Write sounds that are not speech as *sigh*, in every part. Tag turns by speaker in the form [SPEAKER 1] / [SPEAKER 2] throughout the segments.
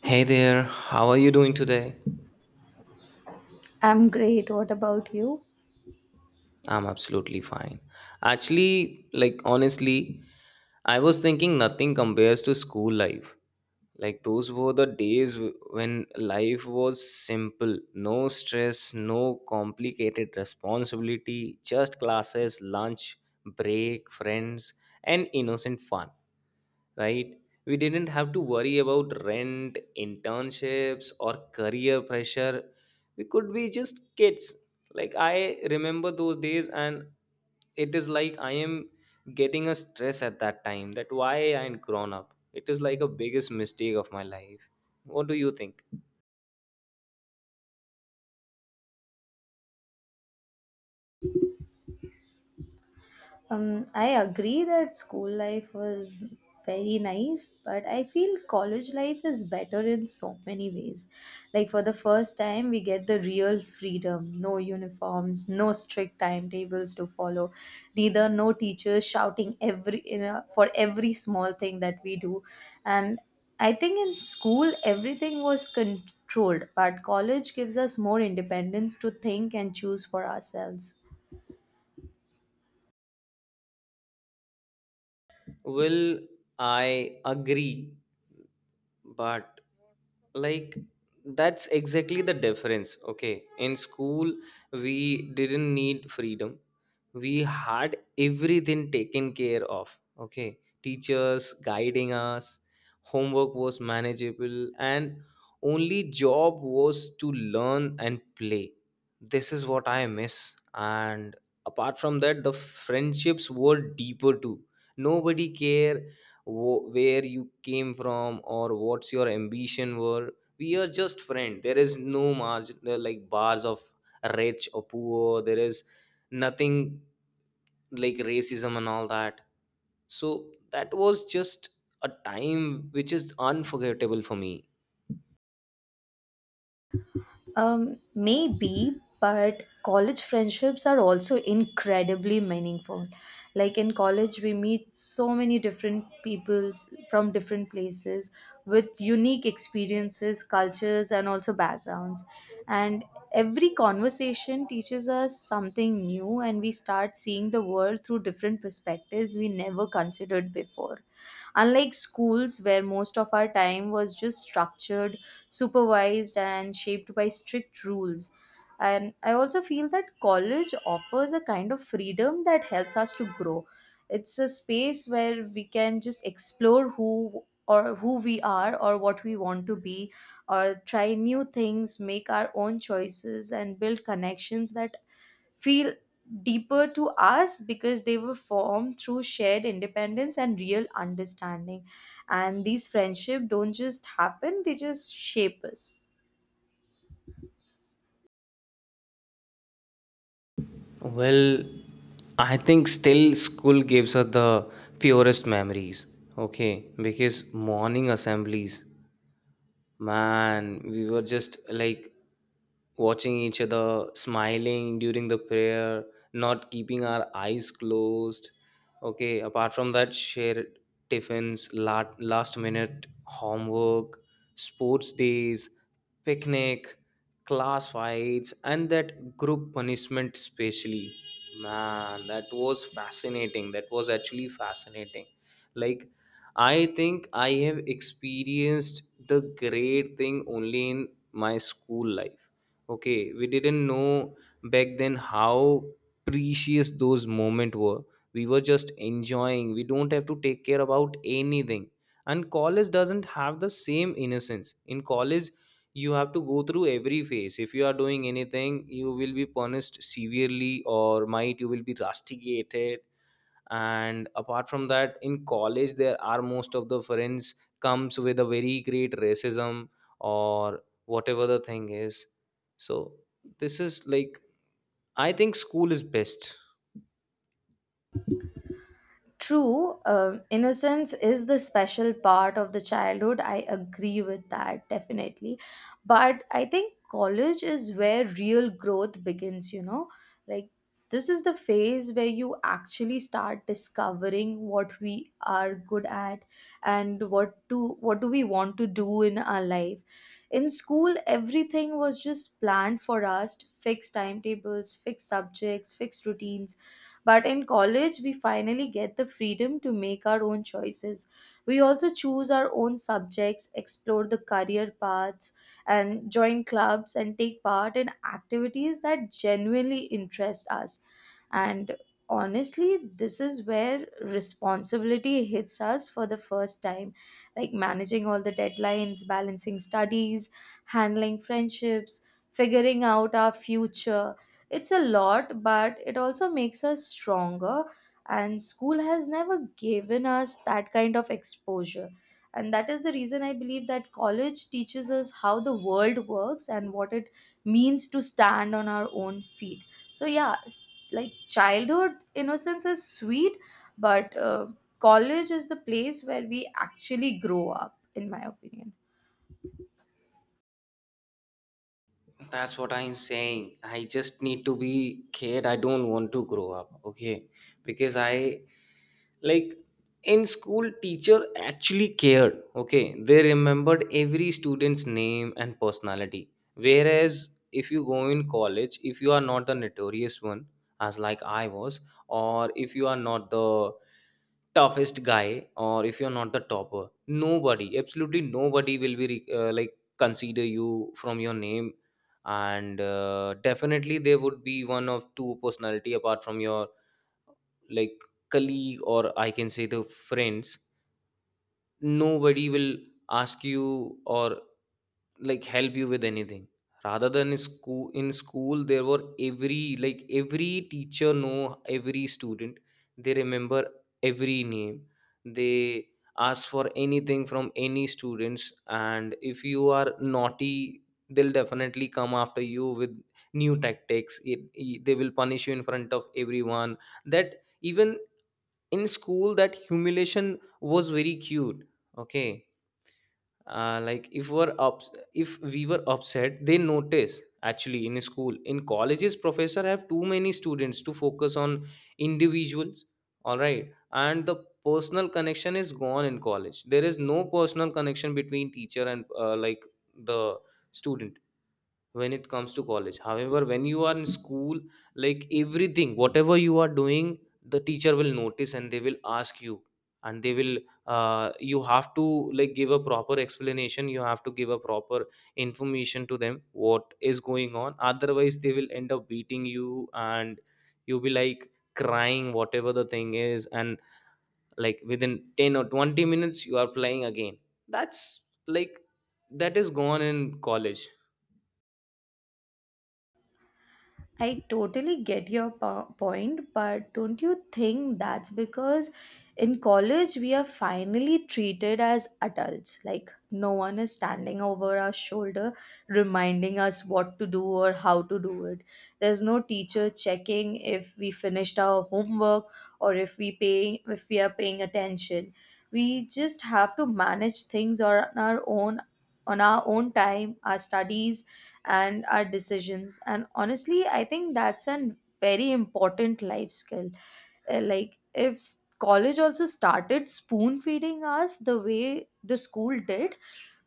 [SPEAKER 1] Hey there, how are you doing today?
[SPEAKER 2] I'm great. What about you?
[SPEAKER 1] I'm absolutely fine. Actually, like honestly, I was thinking nothing compares to school life. Like those were the days when life was simple, no stress, no complicated responsibility, just classes, lunch, break, friends, and innocent fun. Right? We didn't have to worry about rent, internships, or career pressure. We could be just kids. Like, I remember those days, and it is like I am getting a stress at that time that why I ain't grown up. It is like a biggest mistake of my life. What do you think?
[SPEAKER 2] I agree that school life was very nice, but I feel college life is better in so many ways. Like, for the first time, we get the real freedom no uniforms, no strict timetables to follow, neither no teachers shouting every for every small thing that we do. And I think in school, everything was controlled, but college gives us more independence to think and choose for ourselves.
[SPEAKER 1] Well, I agree but like that's exactly the difference, okay, in school we didn't need freedom, we had everything taken care of. Okay, teachers guiding us, homework was manageable, and only job was to learn and play. This is what I miss, and apart from that the friendships were deeper too. Nobody care where you came from or what's your ambition were. We are just friend, there is no margin, there are like bars of rich or poor, there is nothing like racism and all that. So that was just a time which is unforgettable for me.
[SPEAKER 2] Maybe, but college friendships are also incredibly meaningful. Like in college, we meet so many different peoples from different places with unique experiences, cultures, and also backgrounds. And every conversation teaches us something new, and we start seeing the world through different perspectives we never considered before. Unlike schools, where most of our time was just structured supervised and shaped by strict rules. And I also feel that college offers a kind of freedom that helps us to grow. It's a space where we can just explore who we are or what we want to be or try new things, make our own choices, and build connections that feel deeper to us because they were formed through shared independence and real understanding, and these friendship don't just happen, they just shape us.
[SPEAKER 1] Well, I think still school gives us the purest memories. Okay, because morning assemblies, man, we were just like watching each other, smiling during the prayer, not keeping our eyes closed. Okay, apart from that, shared tiffins, last minute homework, sports days, picnic, class fights, and that group punishment, especially. Man, that was fascinating. That was actually fascinating. Like, I think I have experienced the great thing only in my school life. Okay, we didn't know back then how precious those moments were. We were just enjoying. We don't have to take care about anything. And college doesn't have the same innocence. In college, you have to go through every phase. If you are doing anything, you will be punished severely, or might you will be rusticated. And apart from that, in college there are most of the friends comes with a very great racism or whatever the thing is. So this is like, I think school is best.
[SPEAKER 2] True, innocence is the special part of the childhood. I agree with that definitely. But I think college is where real growth begins, you know? Like, this is the phase where you actually start discovering what we are good at and what do we want to do in our life. In school everything was just planned for us, fixed timetables, fixed subjects, fixed routines, but in college, we finally get the freedom to make our own choices. We also choose our own subjects, explore the career paths, and join clubs and take part in activities that genuinely interest us. And honestly, this is where responsibility hits us for the first time, like managing all the deadlines, balancing studies, handling friendships, figuring out our future. It's a lot, but it also makes us stronger. And school has never given us that kind of exposure. And that is the reason I believe that college teaches us how the world works and what it means to stand on our own feet. So, yeah, like childhood innocence is sweet, but college is the place where we actually grow up, in my opinion.
[SPEAKER 1] That's what I'm saying, I just need to be kid, I don't want to grow up. Okay, because I like in school teacher actually cared. Okay, they remembered every student's name and personality, whereas if you go in college, if you are not the notorious one as like I was, or if you are not the toughest guy, or if you're not the topper, nobody, absolutely nobody will be like consider you from your name. And definitely there would be one of two personality apart from your like colleague, or I can say the friends, nobody will ask you or like help you with anything, rather than school. In school there were every like every teacher know every student, they remember every name, they ask for anything from any students. And if you are naughty, they'll definitely come after you with new tactics. It they will punish you in front of everyone. That even in school that humiliation was very cute. Okay, like if we're if we were upset they notice, actually, in school. In colleges professor have too many students to focus on individuals, all right, and the personal connection is gone in college. There is no personal connection between teacher and like the student when it comes to college. However, when you are in school, like everything whatever you are doing, the teacher will notice and they will ask you. And they will you have to like give a proper explanation, you have to give a proper information to them what is going on, otherwise they will end up beating you and you'll be like crying whatever the thing is. And like within 10 or 20 minutes you are playing again. That's like that is gone in college.
[SPEAKER 2] I totally get your point, but don't you think that's because in college we are finally treated as adults? Like, no one is standing over our shoulder reminding us what to do or how to do it. There's no teacher checking if we finished our homework or if we are paying attention. We just have to manage things on our own, on our own time, our studies, and our decisions, and honestly I think that's a very important life skill. Like if college also started spoon feeding us the way the school did,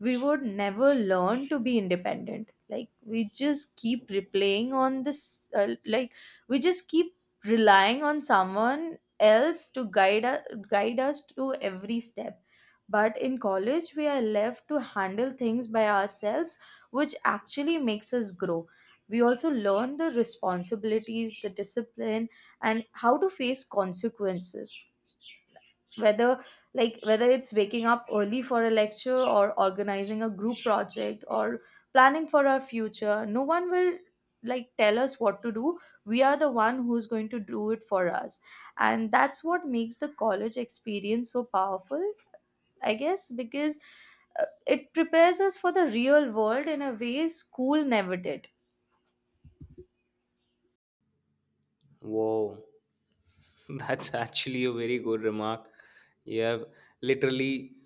[SPEAKER 2] we would never learn to be independent, like we just keep replaying on this, uh, like we just keep relying on someone else to guide us, guide us to every step. But in college we are left to handle things by ourselves, which actually makes us grow. We also learn the responsibilities, the discipline, and how to face consequences. Whether whether it's waking up early for a lecture or organizing a group project or planning for our future, no one will like tell us what to do. We are the one who's going to do it for us. And that's what makes the college experience so powerful, I guess, because it prepares us for the real world in a way school never did.
[SPEAKER 1] Wow, *laughs* that's actually a very good remark. You have literally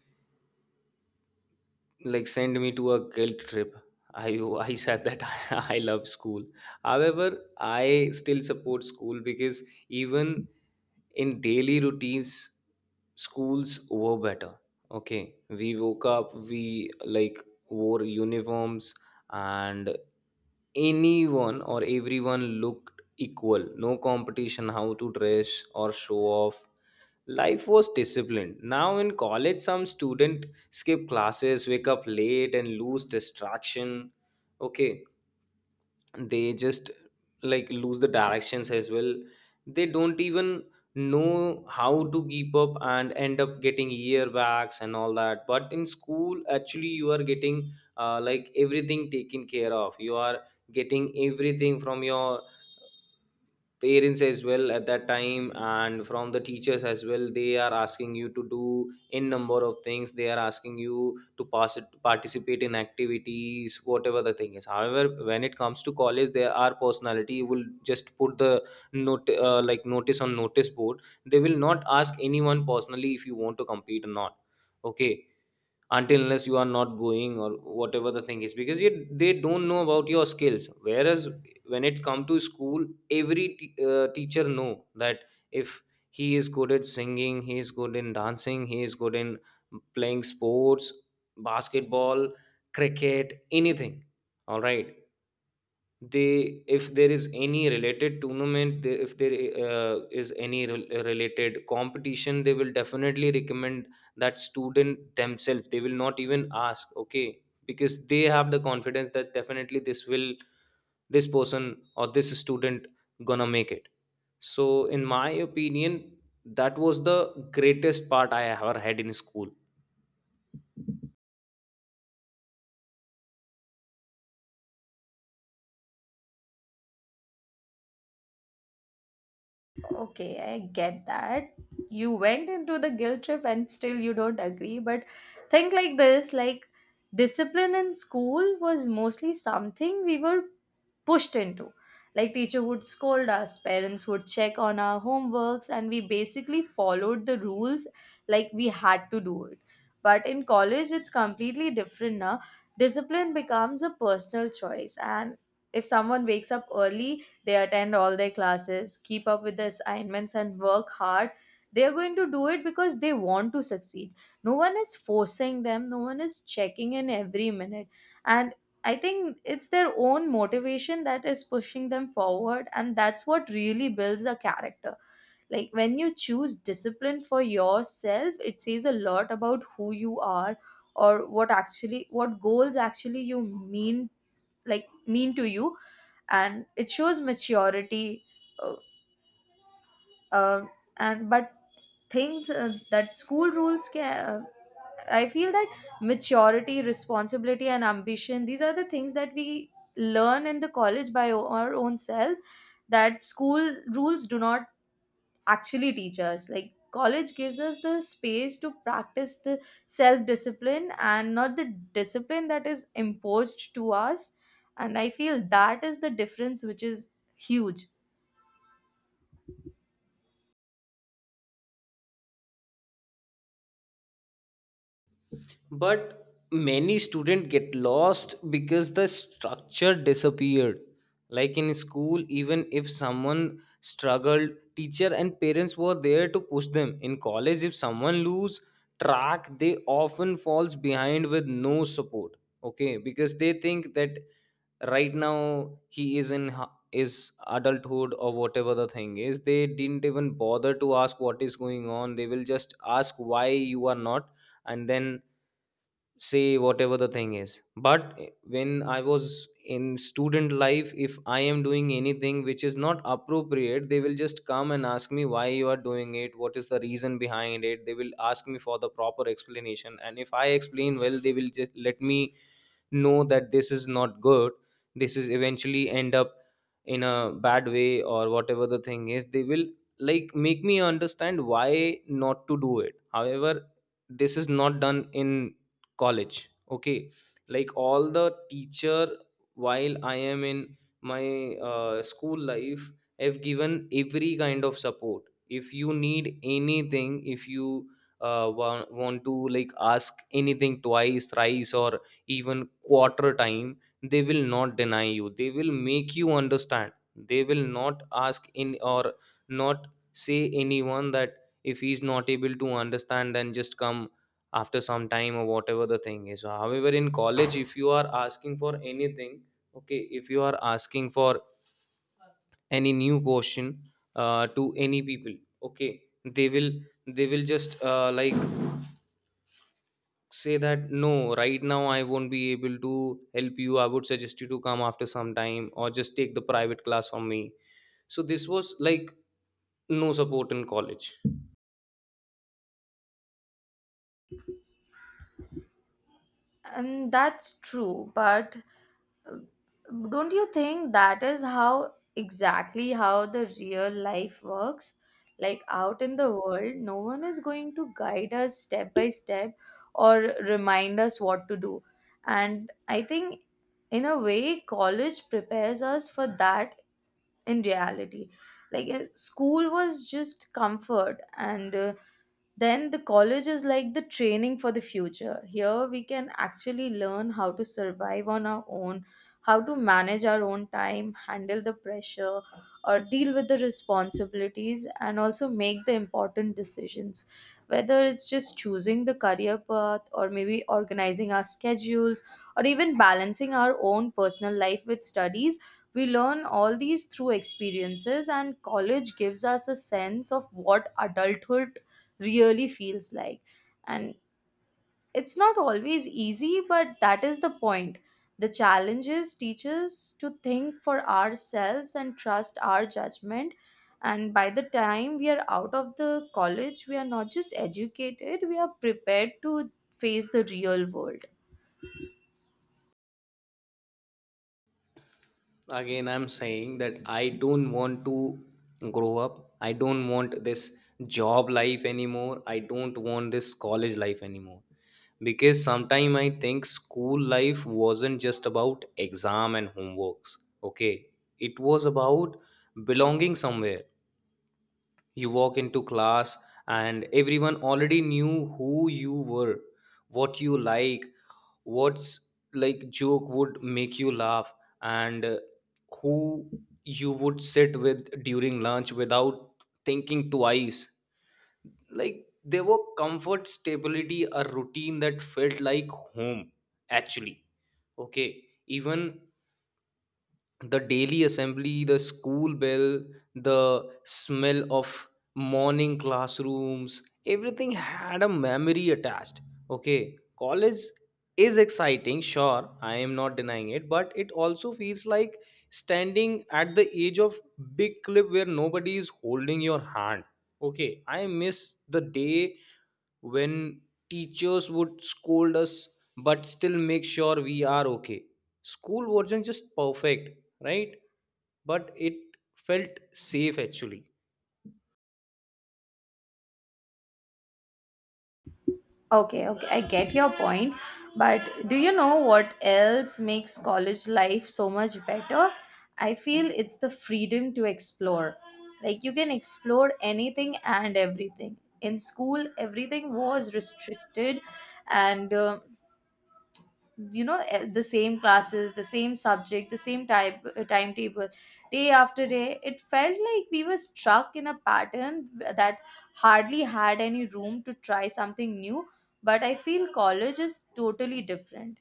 [SPEAKER 1] like sent me to a guilt trip. I said that *laughs* I love school. However, I still support school because even in daily routines, schools were better. Okay, we woke up, we like wore uniforms, and anyone or everyone looked equal, no competition how to dress or show off. Life was disciplined. Now in college some student skip classes, wake up late, and lose distraction. Okay, they just like lose the directions as well, they don't even know how to keep up and end up getting earwax and all that. But in school actually you are getting like everything taken care of, you are getting everything from your parents as well at that time, and from the teachers as well, they are asking you to do in number of things, they are asking you to pass it, participate in activities whatever the thing is. However, when it comes to college, there are personality, you will just put the note like notice on notice board, they will not ask anyone personally if you want to compete or not. Okay, until unless you are not going or whatever the thing is, because you, they don't know about your skills. Whereas when it come to school, every teacher know that if he is good at singing, he is good in dancing, he is good in playing sports, basketball, cricket, anything, all right. They, if there is any related tournament, if there is any related competition, they will definitely recommend that student themselves, they will not even ask. Okay, because they have the confidence that definitely this will, this person or this student gonna make it. So in my opinion, that was the greatest part I ever had in school.
[SPEAKER 2] Okay, I get that. You went into the guilt trip and still you don't agree, but think like this, like discipline in school was mostly something we were pushed into. Like teacher would scold us, parents would check on our homeworks, and we basically followed the rules, like we had to do it. But in college it's completely different now. Discipline becomes a personal choice, and if someone wakes up early, they attend all their classes, keep up with the assignments and work hard, they are going to do it because they want to succeed. No one is forcing them, no one is checking in every minute. And I think it's their own motivation that is pushing them forward, and that's what really builds a character. Like when you choose discipline for yourself it says a lot about who you are or what actually what goals actually you mean like mean to you, and it shows maturity. Uh, uh, and but things that school rules can, I feel that maturity, responsibility and ambition, these are the things that we learn in the college by our own selves, that school rules do not actually teach us. Like college gives us the space to practice the self discipline and not the discipline that is imposed to us, and I feel that is the difference which is huge.
[SPEAKER 1] But many students get lost because the structure disappeared. Like in school, even if someone struggled, teacher and parents were there to push them. In college, if someone lose track, they often falls behind with no support. Okay, because they think that right now he is in is adulthood or whatever the thing is, they didn't even bother to ask what is going on, they will just ask why you are not, and then say whatever the thing is. But when I was in student life, if I am doing anything which is not appropriate, they will just come and ask me why you are doing it, what is the reason behind it, they will ask me for the proper explanation, and if I explain well, they will just let me know that this is not good, this is eventually end up in a bad way or whatever the thing is, they will like make me understand why not to do it. However, this is not done in college. Okay, like all the teacher while I am in my school life have given every kind of support. If you need anything, if you uh, want to like ask anything twice, thrice, or even quarter time, they will not deny you, they will make you understand, they will not ask in or not say anyone that if he's not able to understand then just come after some time or whatever the thing is. However, in college if you are asking for anything, okay, if you are asking for any new question to any people, okay, they will, they will just like say that no right now I won't be able to help you, I would suggest you to come after some time or just take the private class from me. So this was like no support in college.
[SPEAKER 2] And that's true, but uh, don't you think that is how exactly how the real life works? Like out in the world, no one is going to guide us step by step or remind us what to do. And I think, in a way, college prepares us for that in reality. Like, school was just comfort, and then the college is like the training for the future. Here we can actually learn how to survive on our own, how to manage our own time, handle the pressure, or deal with the responsibilities, and also make the important decisions. Whether it's just choosing the career path, or maybe organizing our schedules, or even balancing our own personal life with studies, we learn all these through experiences, and college gives us a sense of what adulthood really feels like. And it's not always easy, but that is the point. The challenges teach us to think for ourselves and trust our judgment. And by the time we are out of the college, we are not just educated, we are prepared to face the real world.
[SPEAKER 1] Again I'm saying that I don't want to grow up, I don't want this job life anymore, I don't want this college life anymore. Because sometimes I think school life wasn't just about exam and homeworks. Okay, it was about belonging somewhere. You walk into class and everyone already knew who you were, what you like, what's like joke would make you laugh, and who you would sit with during lunch without thinking twice. Like there were comfort, stability, a routine that felt like home actually. Okay, even the daily assembly, the school bell, the smell of morning classrooms, everything had a memory attached. Okay, college is exciting, sure, I am not denying it, but it also feels like standing at the edge of big cliff where nobody is holding your hand. Okay, I miss the day when teachers would scold us but still make sure we are okay. School wasn't just perfect, right? But it felt safe actually.
[SPEAKER 2] Okay, okay, I get your point. But do you know what else makes college life so much better? I feel it's the freedom to explore. Like you can explore anything and everything. In school, everything was restricted, and you know the same classes, the same subject, the same type timetable day after day. It felt like we were struck in a pattern that hardly had any room to try something new. But I feel college is totally different.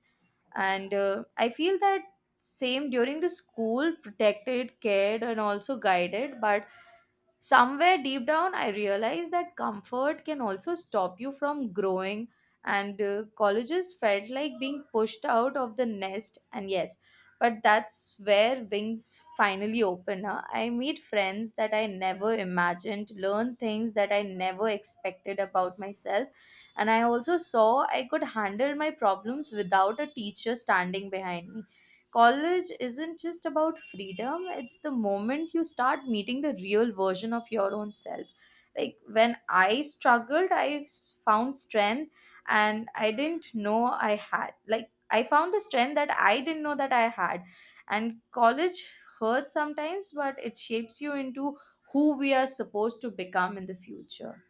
[SPEAKER 2] And I feel that same during the school protected, cared and also guided, but somewhere deep down I realized that comfort can also stop you from growing. And colleges felt like being pushed out of the nest, and yes, but that's where wings finally open, huh? I meet friends that I never imagined, learn things that I never expected about myself, and I also saw I could handle my problems without a teacher standing behind me. College isn't just about freedom, it's the moment you start meeting the real version of your own self. Like when I struggled, I found strength and I didn't know I had. Like I found the strength that I didn't know that I had. And college hurts sometimes, but it shapes you into who we are supposed to become in the future.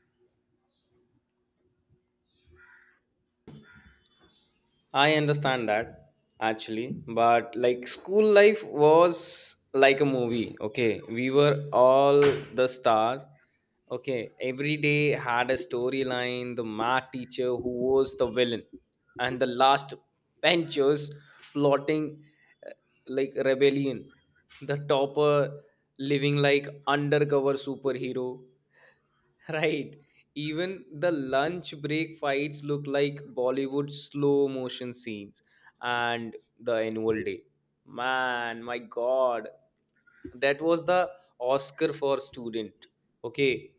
[SPEAKER 1] I understand that actually, but like school life was like a movie. Okay, we were all the stars. Okay, every day had a storyline. The math teacher who was the villain, and the last benchers plotting uh, like rebellion. The topper living like undercover superhero *laughs* Right. Even the lunch break fights look like Bollywood slow motion scenes and the annual day. Man, my God. That was the Oscar for student. Okay.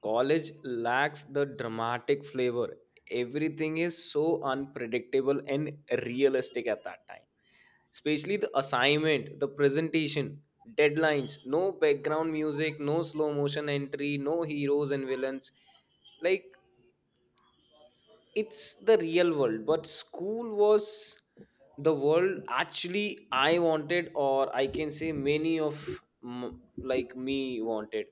[SPEAKER 1] College lacks the dramatic flavor. Everything is so unpredictable and realistic at that time. Especially the assignment, the presentation, deadlines, no background music, no slow motion entry, no heroes and villains. Like it's the real world, but school was the world actually I wanted, or I can say many of like me wanted.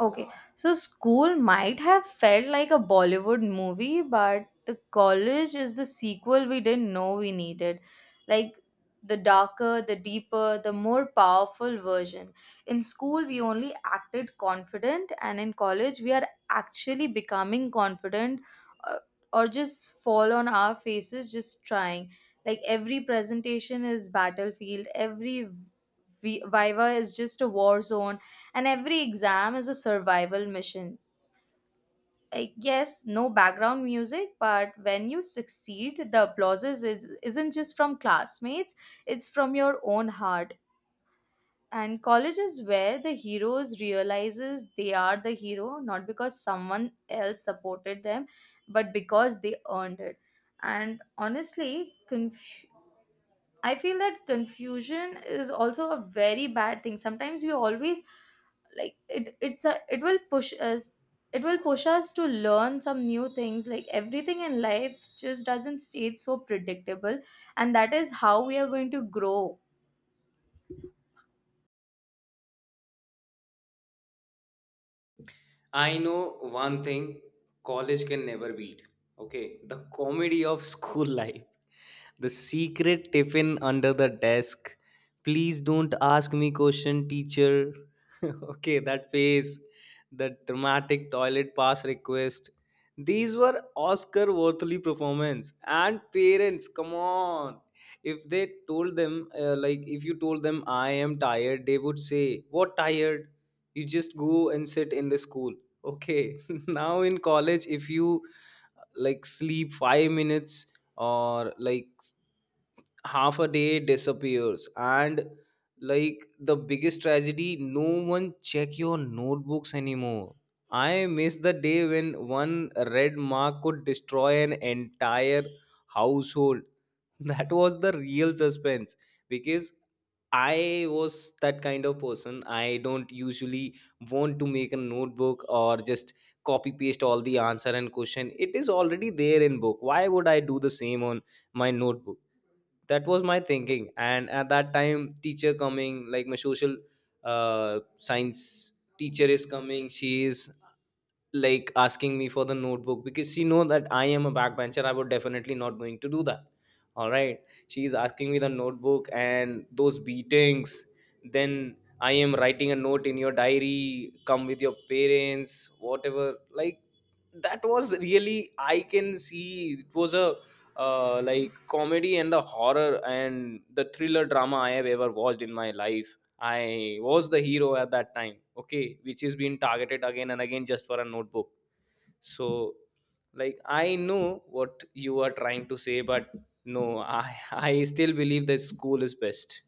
[SPEAKER 2] Okay, so school might have felt like a Bollywood movie, but the college is the sequel we didn't know we needed. Like the darker, the deeper, the more powerful version. In school, we only acted confident, and in college, we are actually becoming confident, uh, or just fall on our faces just trying. Like every presentation is battlefield, every viva is just a war zone, and every exam is a survival mission. Like, yes, no background music, but when you succeed, the applause is, isn't just from classmates, it's from your own heart. And college is where the heroes realizes they are the hero, not because someone else supported them, but because they earned it. And honestly, I feel that confusion is also a very bad thing. Sometimes we always like it will push us to learn some new things, like everything in life just doesn't stay so predictable, and that is how we are going to grow.
[SPEAKER 1] I know one thing college can never beat. Okay, the comedy of school *laughs* life. The secret tiffin under the desk. Please don't ask me question, teacher. *laughs* Okay, that face. The dramatic toilet pass request. These were Oscar worthy performance. And parents, come on. If they told them, like, if you told them I am tired, they would say, "What tired? You just go and sit in the school." Okay. *laughs* Now in college, if you like sleep 5 minutes or like half a day disappears, and like the biggest tragedy, no one check your notebooks anymore. I miss the day when one red mark could destroy an entire household. *laughs* That was the real suspense, because I was that kind of person. I don't usually want to make a notebook or just copy paste all the answer and question. It is already there in book, why would I do the same on my notebook? That was my thinking, and at that time teacher coming, like my social science teacher is coming. She is like asking me for the notebook, because she know that I am a backbencher, I would definitely not going to do that. All right, she is asking me the notebook, and those beatings, then I am writing a note in your diary, come with your parents, whatever. Like that was really, I can see it was a like comedy and the horror and the thriller drama I have ever watched in my life. I was the hero at that time, okay, which is being targeted again and again just for a notebook. So like I know what you are trying to say, but no, I *laughs* I still believe that school is best.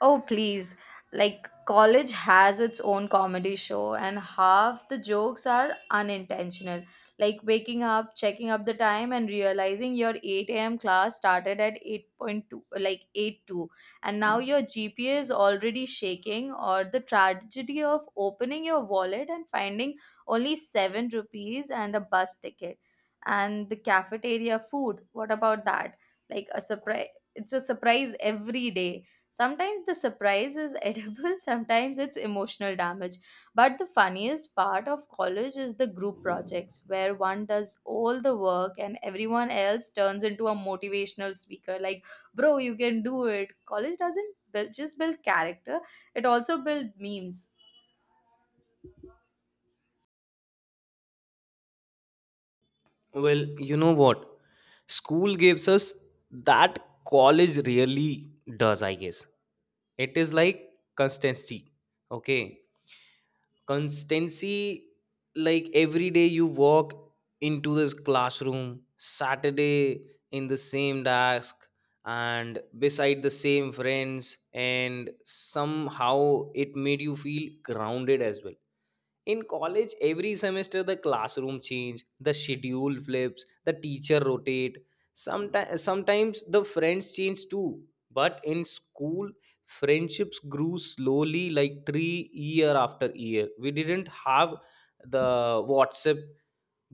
[SPEAKER 2] Oh, please. Like, college has its own comedy show, and half the jokes are unintentional. Like, waking up, checking up the time, and realizing your 8 a.m. class started at 8.2, like eight two, and now your GPA is already shaking, or the tragedy of opening your wallet and finding only 7 rupees and a bus ticket. And the cafeteria food, what about that? Like, a surprise. It's a surprise every day. Sometimes the surprise is edible, *laughs* sometimes it's emotional damage. But the funniest part of college is the group projects where one does all the work and everyone else turns into a motivational speaker like, bro, you can do it. College doesn't build, just build character, it also builds memes.
[SPEAKER 1] Well, you know what? School gives us that college really does, I guess. It is like constancy. Okay. Constancy, like every day you walk into this classroom, Saturday in the same desk and beside the same friends, and somehow it made you feel grounded as well. In college every semester the classroom change, the schedule flips, the teacher rotate, sometimes the friends change too. But in school, friendships grew slowly like tree, year after year. We didn't have the WhatsApp,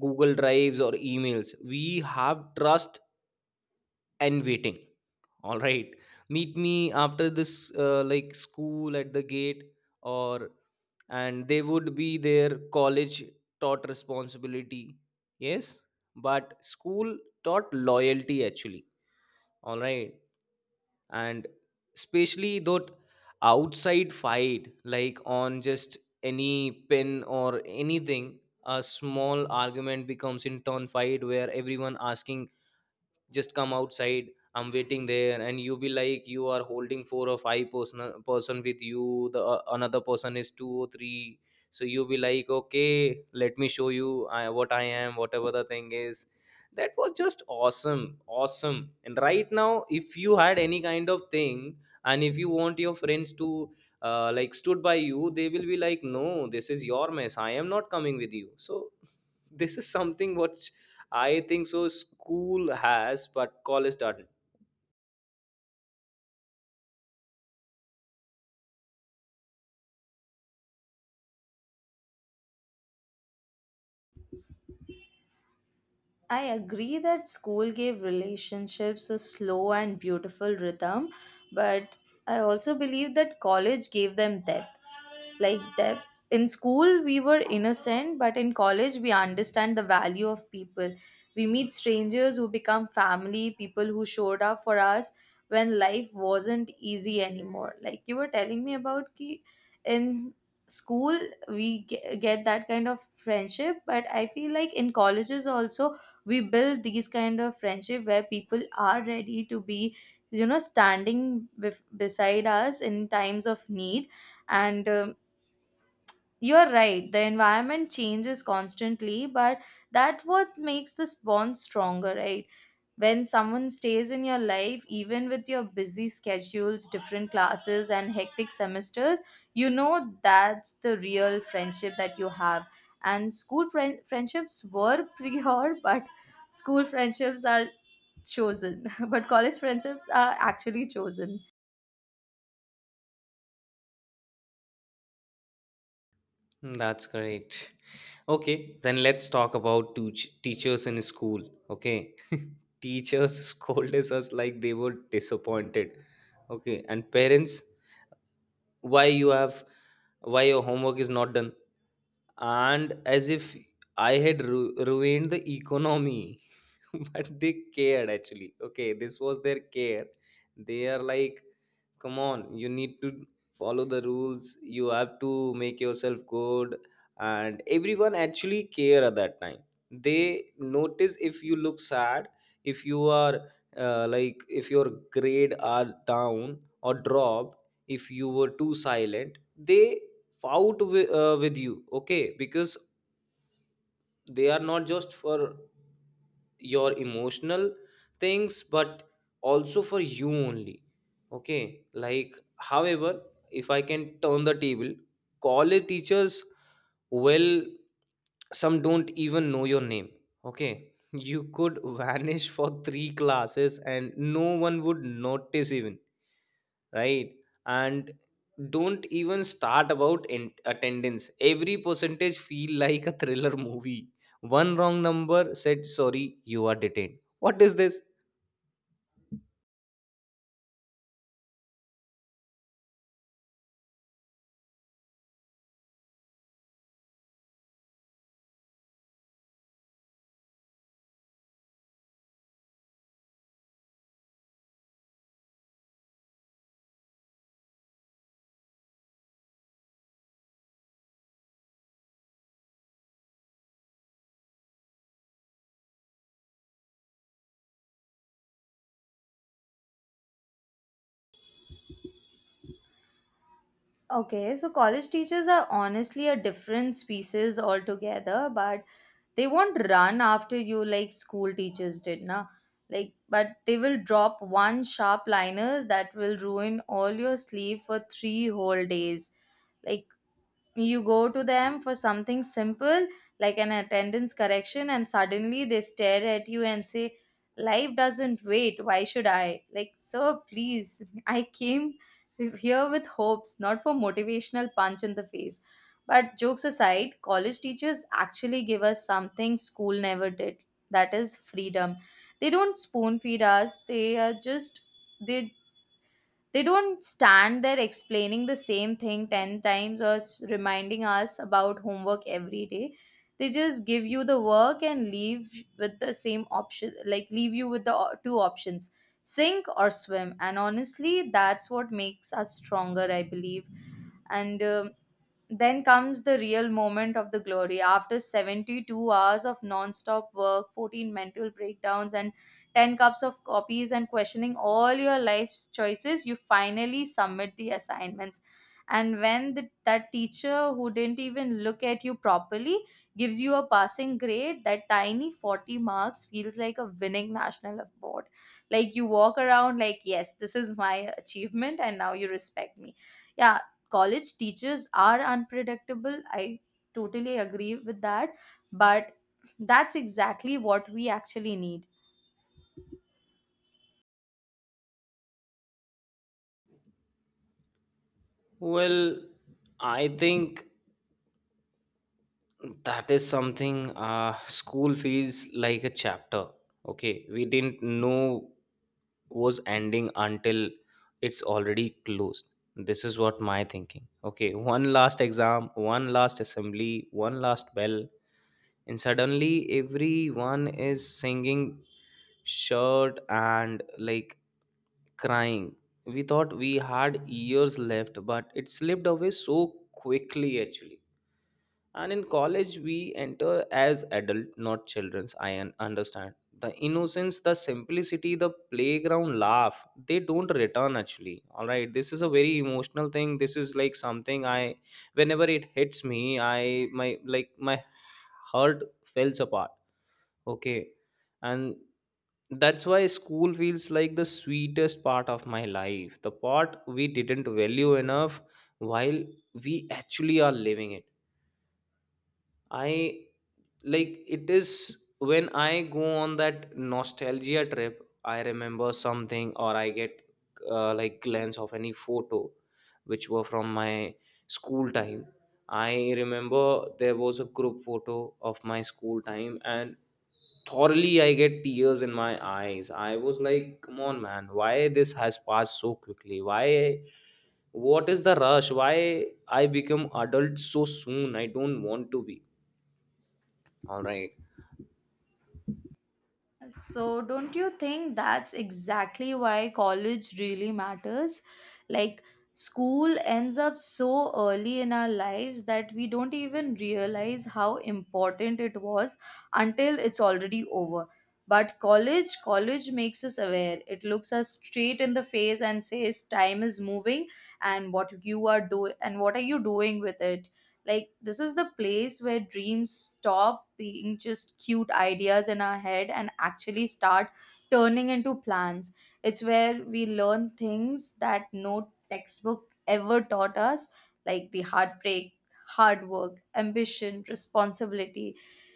[SPEAKER 1] Google drives or emails. We have trust and waiting. All right, meet me after this, like, school at the gate, or and they would be their. College taught responsibility. Yes, but school taught loyalty actually. All right, and especially that outside fight, like on just any pin or anything, a small argument becomes in turn fight where everyone asking, just come outside, I'm waiting there. And you be like, you are holding four or five person with you, the another person is two or three. So you be like, okay, let me show you I, what I am, whatever the thing is. That was just awesome. And right now if you had any kind of thing and if you want your friends to like stood by you, they will be like, no, this is your mess, I am not coming with you. So *laughs* this is something what I think so. School has, but college doesn't.
[SPEAKER 2] I agree that school gave relationships a slow and beautiful rhythm, but I also believe that college gave them depth, like that in school we were innocent but in college we understand the value of people. We meet strangers who become family, people who showed up for us when life wasn't easy anymore, like you were telling me about ki in school we get that kind of friendship. But I feel like in colleges also we build these kind of friendship where people are ready to be, you know, standing beside us in times of need. And You're right, the environment changes constantly, but that what makes this bond stronger, right? When someone stays in your life, even with your busy schedules, different classes, and hectic semesters, you know that's the real friendship that you have. And school friendships were *laughs* prior, but school friendships are chosen, *laughs* but college friendships are actually chosen.
[SPEAKER 1] Hmm, that's great. Okay, then let's talk about teachers in school. Okay, *laughs* teachers scolded us like they were disappointed. Okay, and parents, why you have, why your homework is not done, and as if I had ruined the economy, *laughs* but they cared actually. Okay, this was their care. They are like, come on, you need to follow the rules, you have to make yourself good. And everyone actually care at that time. They notice if you look sad, if you are like, if your grade are down or dropped, if you were too silent, they fight with you, okay, because they are not just for your emotional things, but also for you only. Okay, like however, if I can turn the table, college teachers, well, some don't even know your name. Okay, you could *laughs* vanish for three classes and no one would notice even, right? And don't even start about attendance. Every percentage feel like a thriller movie. One wrong number, said sorry, you are detained. What is this?
[SPEAKER 2] Okay, so college teachers are honestly a different species altogether, but they won't run after you like school teachers did, na? Like, but they will drop one sharp liner that will ruin all your sleep for 3 whole days. Like, you go to them for something simple like an attendance correction and suddenly they stare at you and say, life doesn't wait, why should I? Like, sir, please, *laughs* I came here with hopes, not for motivational punch in the face. But jokes aside, college teachers actually give us something school never did, that is freedom. They don't spoon feed us, they are just, they they don't stand there explaining the same thing 10 times or reminding us about homework every day. They just give you the work and leave with the same option, like leave you with the two options, sink or swim. And honestly, that's what makes us stronger, I believe. And then comes the real moment of the glory. After 72 hours of non-stop work, 14 mental breakdowns, and 10 cups of copies and questioning all your life's choices, you finally submit the assignments. And when the, that teacher who didn't even look at you properly gives you a passing grade, that tiny 40 marks feels like a winning national award. Like you walk around like, yes, this is my achievement, and now you respect me, yeah. College teachers are unpredictable. I totally agree with that. But that's exactly what we actually need.
[SPEAKER 1] Well, I think that is something. School feels like a chapter. Okay, we didn't know was ending until it's already closed. This is what my thinking. Okay, one last exam, one last assembly, one last bell, and suddenly everyone is singing shirt and like crying. We thought we had years left, but it slipped away so quickly actually. And in college, we enter as adult, not childrens. I understand the innocence, the simplicity, the playground laugh. They don't return actually. All right, this is a very emotional thing. This is like something I, whenever it hits me, I my like my heart falls apart. Okay, and that's why school feels like the sweetest part of my life. The part we didn't value enough while we actually are living it. I like it is when I go on that nostalgia trip. I remember something or I get like glance of any photo which were from my school time. I remember there was a group photo of my school time, and thoroughly I get tears in my eyes. I was like, come on man, why this has passed so quickly, why? What is the rush? Why I become adult so soon? I don't want to be. All right,
[SPEAKER 2] So, don't you think that's exactly why college really matters? Like, school ends up so early in our lives that we don't even realize how important it was until it's already over. But college, college makes us aware. It looks us straight in the face and says, "Time is moving, and what you are doing, and what are you doing with it?" Like, this is the place where dreams stop being just cute ideas in our head and actually start turning into plans. It's where we learn things that no textbook ever taught us, like the heartbreak, hard work, ambition, responsibility,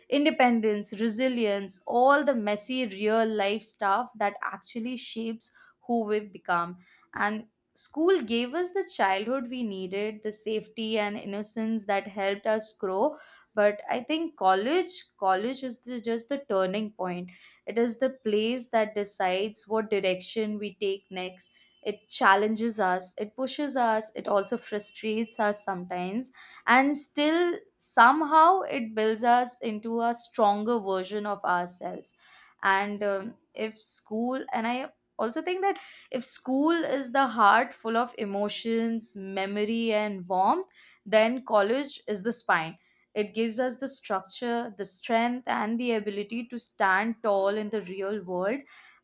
[SPEAKER 2] independence, resilience, all the messy real life stuff that actually shapes who we become. And school gave us the childhood we needed, the safety and innocence that helped us grow. But I think college, college is the, just the turning point. It is the place that decides what direction we take next. It challenges us, it pushes us, it also frustrates us sometimes, and still somehow it builds us into a stronger version of ourselves. And if school and I also think that if school is the heart full of emotions, memory and warmth, then college is the spine. It gives us the structure, the strength and the ability to stand tall in the real world.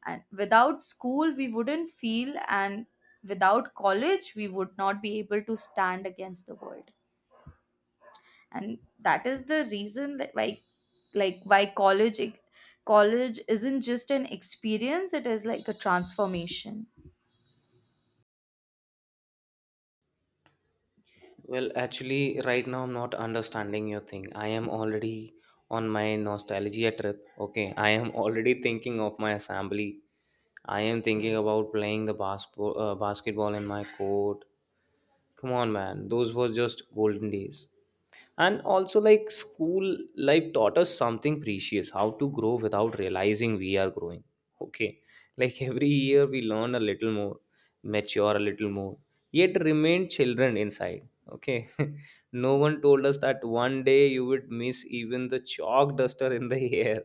[SPEAKER 2] And without school we wouldn't feel, and without college we would not be able to stand against the world. And that is the reason that why, like, why college, college isn't just an experience, it is like a transformation.
[SPEAKER 1] well, actually, right now I'm not understanding your thing. I am already on my nostalgia trip. Okay, I am already thinking of my assembly. I am thinking about playing the basketball, basketball in my court. Come on man, those were just golden days. And also like, school life taught us something precious, how to grow without realizing we are growing. Okay, like every year we learn a little more, mature a little more, yet remain children inside. Okay, *laughs* no one told us that one day you would miss even the chalk duster in the *laughs* air.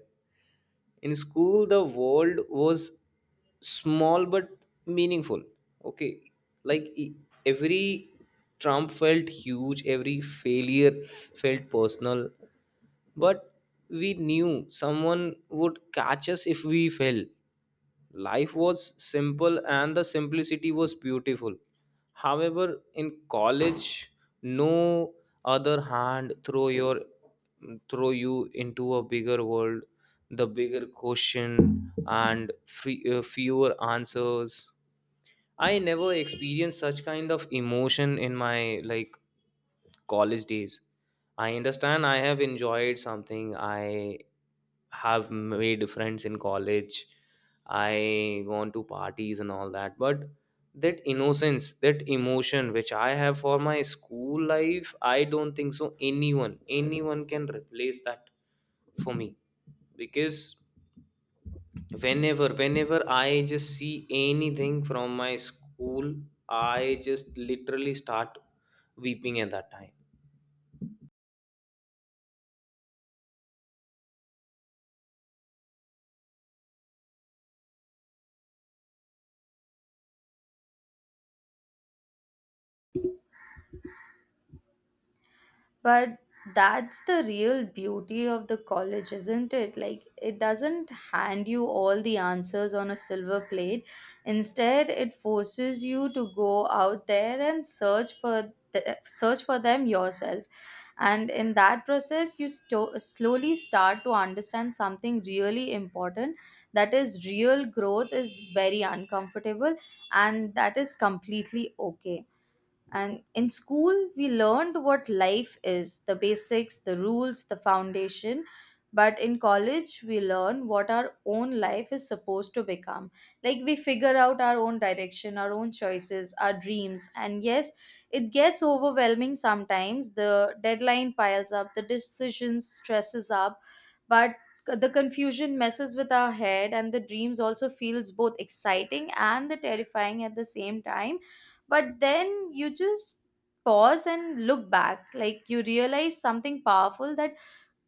[SPEAKER 1] In school the world was small but meaningful. Okay, like every trump felt huge, every failure felt personal. But we knew someone would catch us if we fell. Life was simple, and the simplicity was beautiful. However, in college, no, other hand throw your throw you into a bigger world, the bigger question and fewer answers. I never experienced such kind of emotion in my like college days. I understand I have enjoyed something. I have made friends in college, I gone to parties and all that, but that innocence, that emotion which I have for my school life, I don't think so anyone, anyone can replace that for me. Because whenever I just see anything from my school, I just literally start weeping at that time.
[SPEAKER 2] But that's the real beauty of the college, isn't it? Like, it doesn't hand you all the answers on a silver plate. Instead, it forces you to go out there and search for the, search for them yourself. And in that process, you slowly start to understand something really important. That is, real growth is very uncomfortable, and that is completely okay. And in school, we learned what life is, the basics, the rules, the foundation. But in college, we learn what our own life is supposed to become. Like we figure out our own direction, our own choices, our dreams. And yes, it gets overwhelming sometimes. The deadline piles up, the decisions stresses up, but the confusion messes with our head and the dreams also feels both exciting and the terrifying at the same time. But then you just pause and look back, like you realize something powerful, that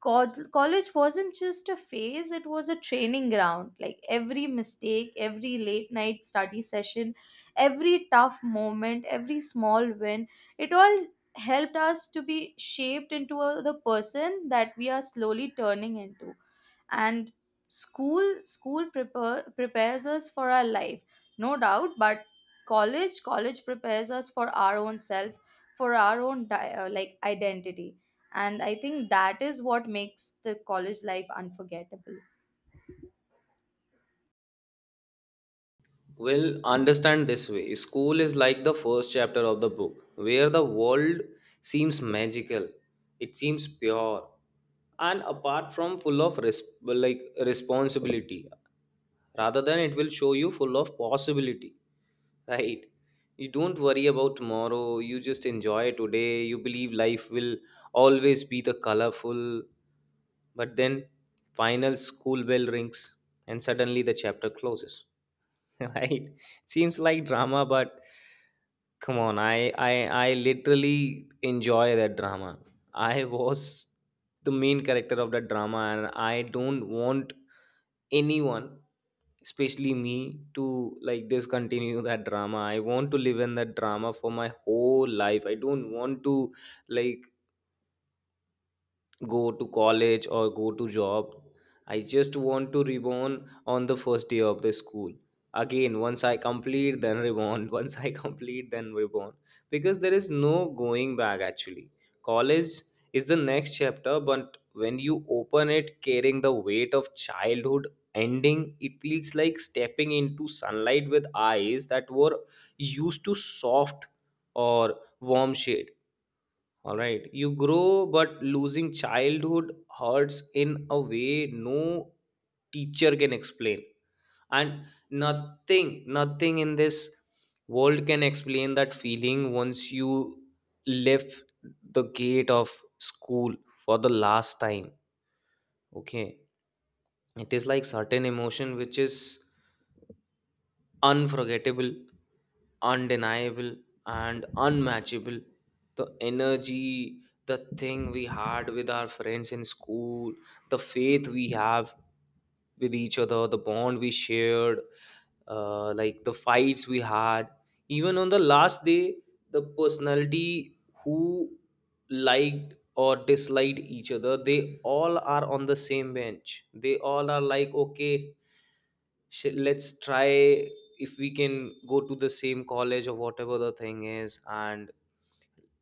[SPEAKER 2] College wasn't just a phase, it was a training ground. Like every mistake, every late night study session, every tough moment, every small win, it all helped us to be shaped into a, the person that we are slowly turning into. And school prepares us for our life, no doubt, but college prepares us for our own self, for our own like identity. And I think that is what makes the college life unforgettable.
[SPEAKER 1] Well, understand this way, school is like the first chapter of the book, where the world seems magical, it seems pure, and apart from like responsibility, rather than it will show you full of possibility, right? You don't worry about tomorrow, you just enjoy today, you believe life will always be the colorful, but then final school bell rings and suddenly the chapter closes. *laughs* Right, seems like drama, but come on, I literally enjoy that drama. I was the main character of that drama, and I don't want anyone, especially me, to like discontinue that drama. I want to live in that drama for my whole life. I don't want to like go to college or go to job. I just want to reborn on the first day of the school again. Once I complete, then reborn, *laughs* once I complete, then reborn. Because there is no going back actually. College is the next chapter, but when you open it carrying the weight of childhood ending, it feels like stepping into sunlight with eyes that were used to soft or warm shade. All right. You grow, but losing childhood hurts in a way no teacher can explain. And nothing in this world can explain that feeling once you left the gate of school for the last time. Okay. It is like certain emotion which is unforgettable, undeniable, and unmatchable. The energy, the thing we had with our friends in school, the faith we have with each other, the bond we shared, like the fights we had. Even on the last day, the personality who liked or disliked each other, they all are on the same bench. They all are like, okay, let's try if we can go to the same college or whatever the thing is, and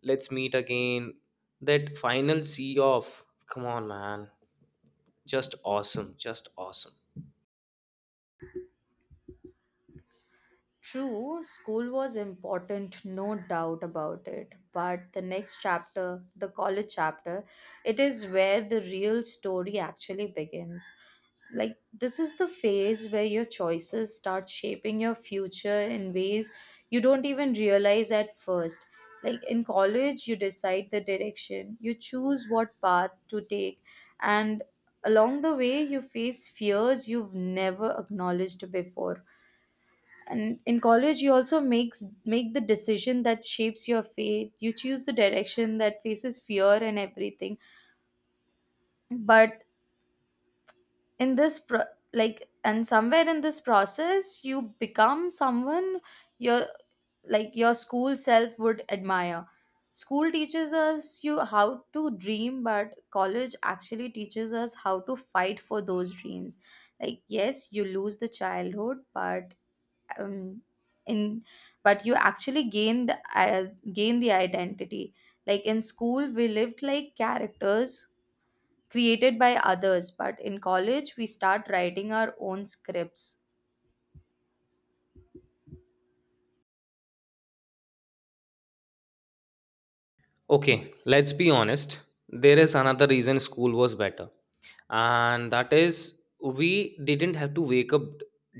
[SPEAKER 1] let's meet again. That final see off, come on man, just awesome, just awesome.
[SPEAKER 2] True, school was important, no doubt about it. But the next chapter, the college chapter, it is where the real story actually begins. Like, this is the phase where your choices start shaping your future in ways you don't even realize at first. Like, in college, you decide the direction, you choose what path to take, and along the way, you face fears you've never acknowledged before. And in college you also make the decision that shapes your fate, you choose the direction that faces fear and everything. But in this pro- like and somewhere in this process you become someone, your like your school self would admire. School teaches us you how to dream, but college actually teaches us how to fight for those dreams. Like, yes, you lose the childhood, but um, in but you actually gain the identity. Like in school we lived like characters created by others, but in college we start writing our own scripts.
[SPEAKER 1] Okay, let's be honest. There is another reason school was better, and that is we didn't have to wake up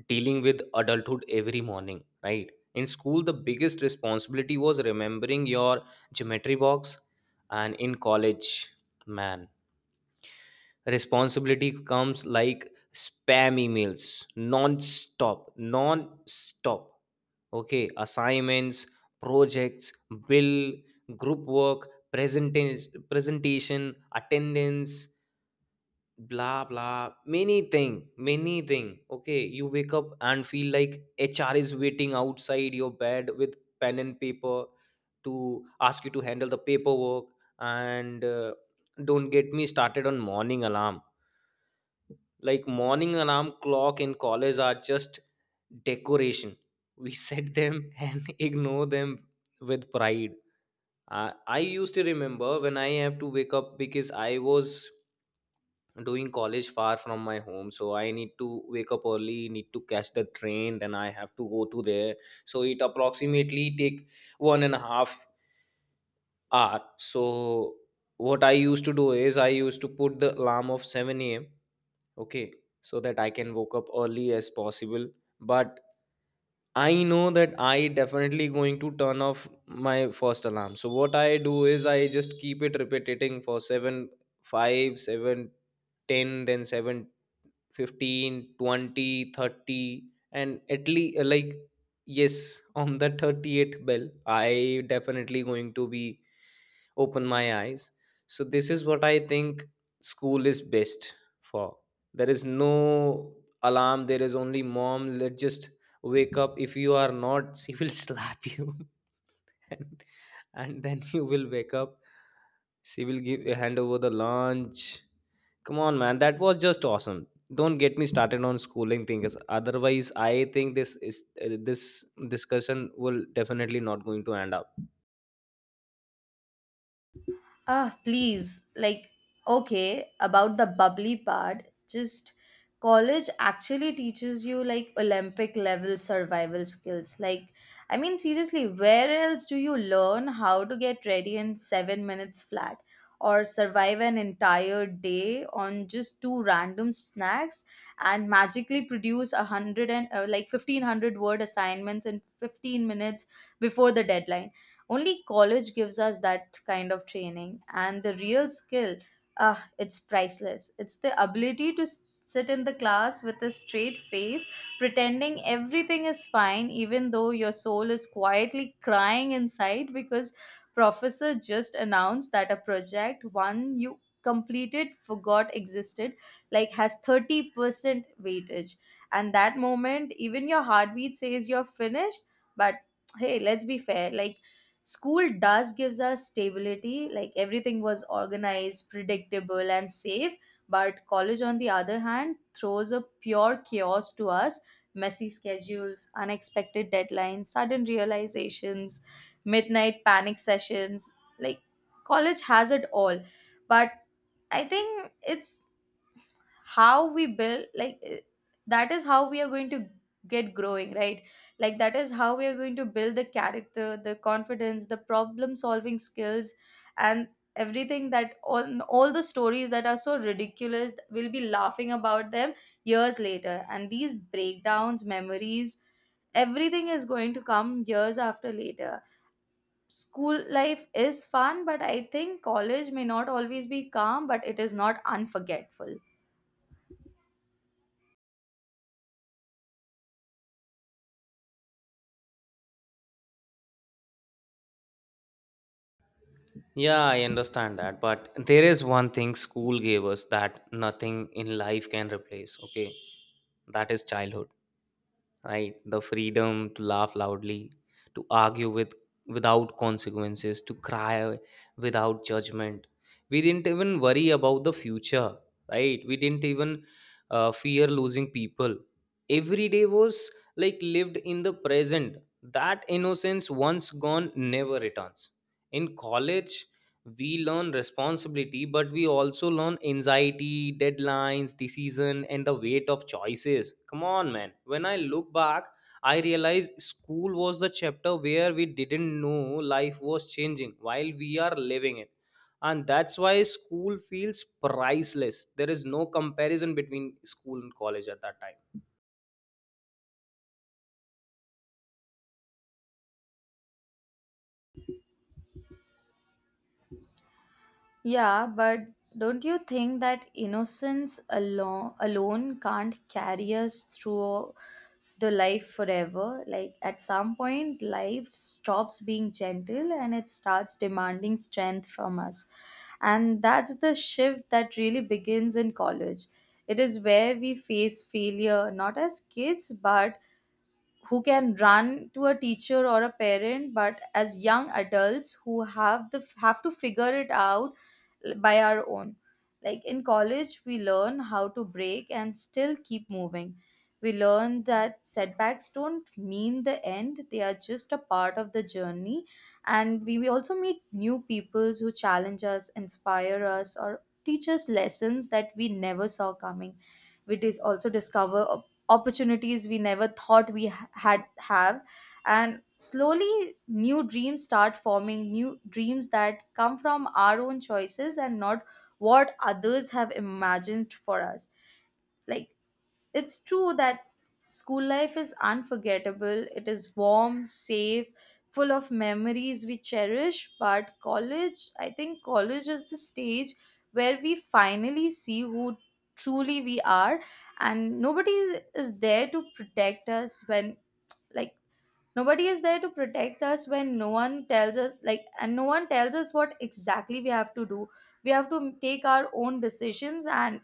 [SPEAKER 1] dealing with adulthood every morning, right? In school, the biggest responsibility was remembering your geometry box, and in college, man, responsibility comes like spam emails, non stop, non stop. Okay, assignments, projects, bill, group work, presentation, presentation, attendance, blah blah. Many thing, many thing. Okay, you wake up and feel like HR is waiting outside your bed with pen and paper to ask you to handle the paperwork. And don't get me started on morning alarm, like morning alarm clock in college are just decoration. We *laughs* set them and ignore them with pride. I used to remember when I have to wake up, because I was doing college far from my home, so I need to wake up early, need to catch the train, then I have to go to there. So it approximately take 1.5 hour. So what I used to do is I used to put the alarm of 7 a.m, okay, so that I can woke up early as possible. But I know that I definitely going to turn off my first alarm, so what I do is I just keep it repeating for 7, 5, 7, 10, then 7 15, 20, 30, and at least like, yes, on the 38th bell I definitely going to be open my eyes. So this is what I think. School is best for, there is no alarm, there is only mom. Let just wake up, if you are not she will *laughs* slap you, *laughs* and, and then you will wake up. She will give hand over the lunch. Come on man, that was just awesome. Don't get me started on schooling things, otherwise I think this discussion will definitely not going to end up.
[SPEAKER 2] Ah, please. Like, okay, about the bubbly part, just college actually teaches you like Olympic level survival skills. Like, I mean, seriously, where else do you learn how to get ready in 7 minutes flat or survive an entire day on just two random snacks and magically produce a hundred and like 1500 word assignments in 15 minutes before the deadline? Only college gives us that kind of training, and the real skill, ah, it's priceless. It's the ability to sit in the class with a straight face, pretending everything is fine, even though your soul is quietly crying inside because professor just announced that a project one you completed forgot existed like has 30% weightage. And that moment even your heartbeat says you're finished. But hey, let's be fair, like, school does gives us stability, like everything was organized, predictable and safe, but college on the other hand throws a pure chaos to us, messy schedules, unexpected deadlines, sudden realizations, midnight panic sessions, like college has it all. But I think it's how we build like, that is how we are going to get growing, right? Like that is how we are going to build the character, the confidence, the problem solving skills, and everything, that all the stories that are so ridiculous we'll be laughing about them years later, and these breakdowns memories, everything is going to come years after later. School life is fun, but I think college may not always be calm, but it is not unforgettable.
[SPEAKER 1] Yeah, I understand that, but there is one thing school gave us that nothing in life can replace, okay? That is childhood, right? The freedom to laugh loudly, to argue with, without consequences, to cry without judgment. We didn't even worry about the future, right? We didn't even fear losing people. Every day was like lived in the present. That innocence once gone never returns. In college we learn responsibility, but we also learn anxiety, deadlines, decision, and the weight of choices. Come on man, when I look back, I realize school was the chapter where we didn't know life was changing while we are living it. And that's why school feels priceless. There is no comparison between school and college at that time.
[SPEAKER 2] Yeah, but don't you think that innocence alone can't carry us through the life forever? Like at some point life stops being gentle and it starts demanding strength from us. And that's the shift that really begins in college. It is where we face failure not as kids but who can run to a teacher or a parent but as young adults who have to figure it out by our own. Like in college we learn how to break and still keep moving, we learn that setbacks don't mean the end, they are just a part of the journey. And we also meet new peoples who challenge us, inspire us or teach us lessons that we never saw coming. We also discover opportunities we never thought we had have. And slowly new dreams start forming, new dreams that come from our own choices and not what others have imagined for us. Like it's true that school life is unforgettable, it is warm, safe, full of memories we cherish. But college, I think college is the stage where we finally see who truly we are. And nobody is there to protect us when, like, nobody is there to protect us when no one tells us, like, and no one tells us what exactly we have to do. We have to take our own decisions and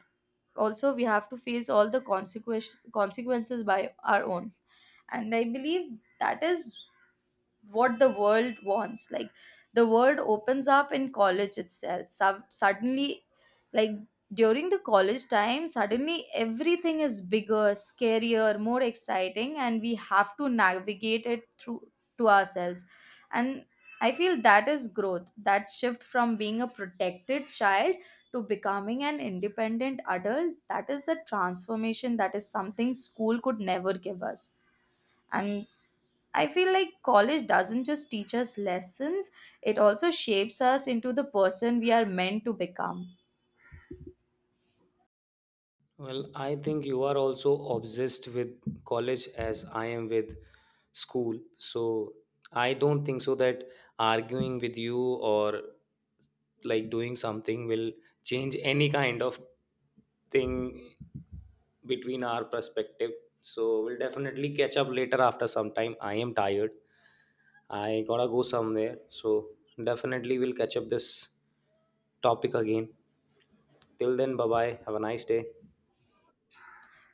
[SPEAKER 2] also we have to face all the consequences by our own. And I believe that is what the world wants, like the world opens up in college itself. Sub Suddenly, like, during the college time suddenly everything is bigger, scarier, more exciting and we have to navigate it through to ourselves. And I feel that is growth, that shift from being a protected child to becoming an independent adult, that is the transformation, that is something school could never give us. And I feel like college doesn't just teach us lessons, it also shapes us into the person we are meant to become.
[SPEAKER 1] Well, I think you are also obsessed with college as I am with school. So I don't think so that arguing with you or like doing something will change any kind of thing between our perspective. So we'll definitely catch up later after some time. I am tired. I gotta go somewhere. So definitely we'll catch up this topic again. Till then, bye bye. Have a nice day.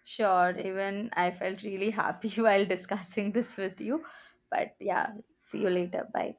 [SPEAKER 2] Sure, even I felt really happy *laughs* while discussing this with you. But yeah, see you later. Bye.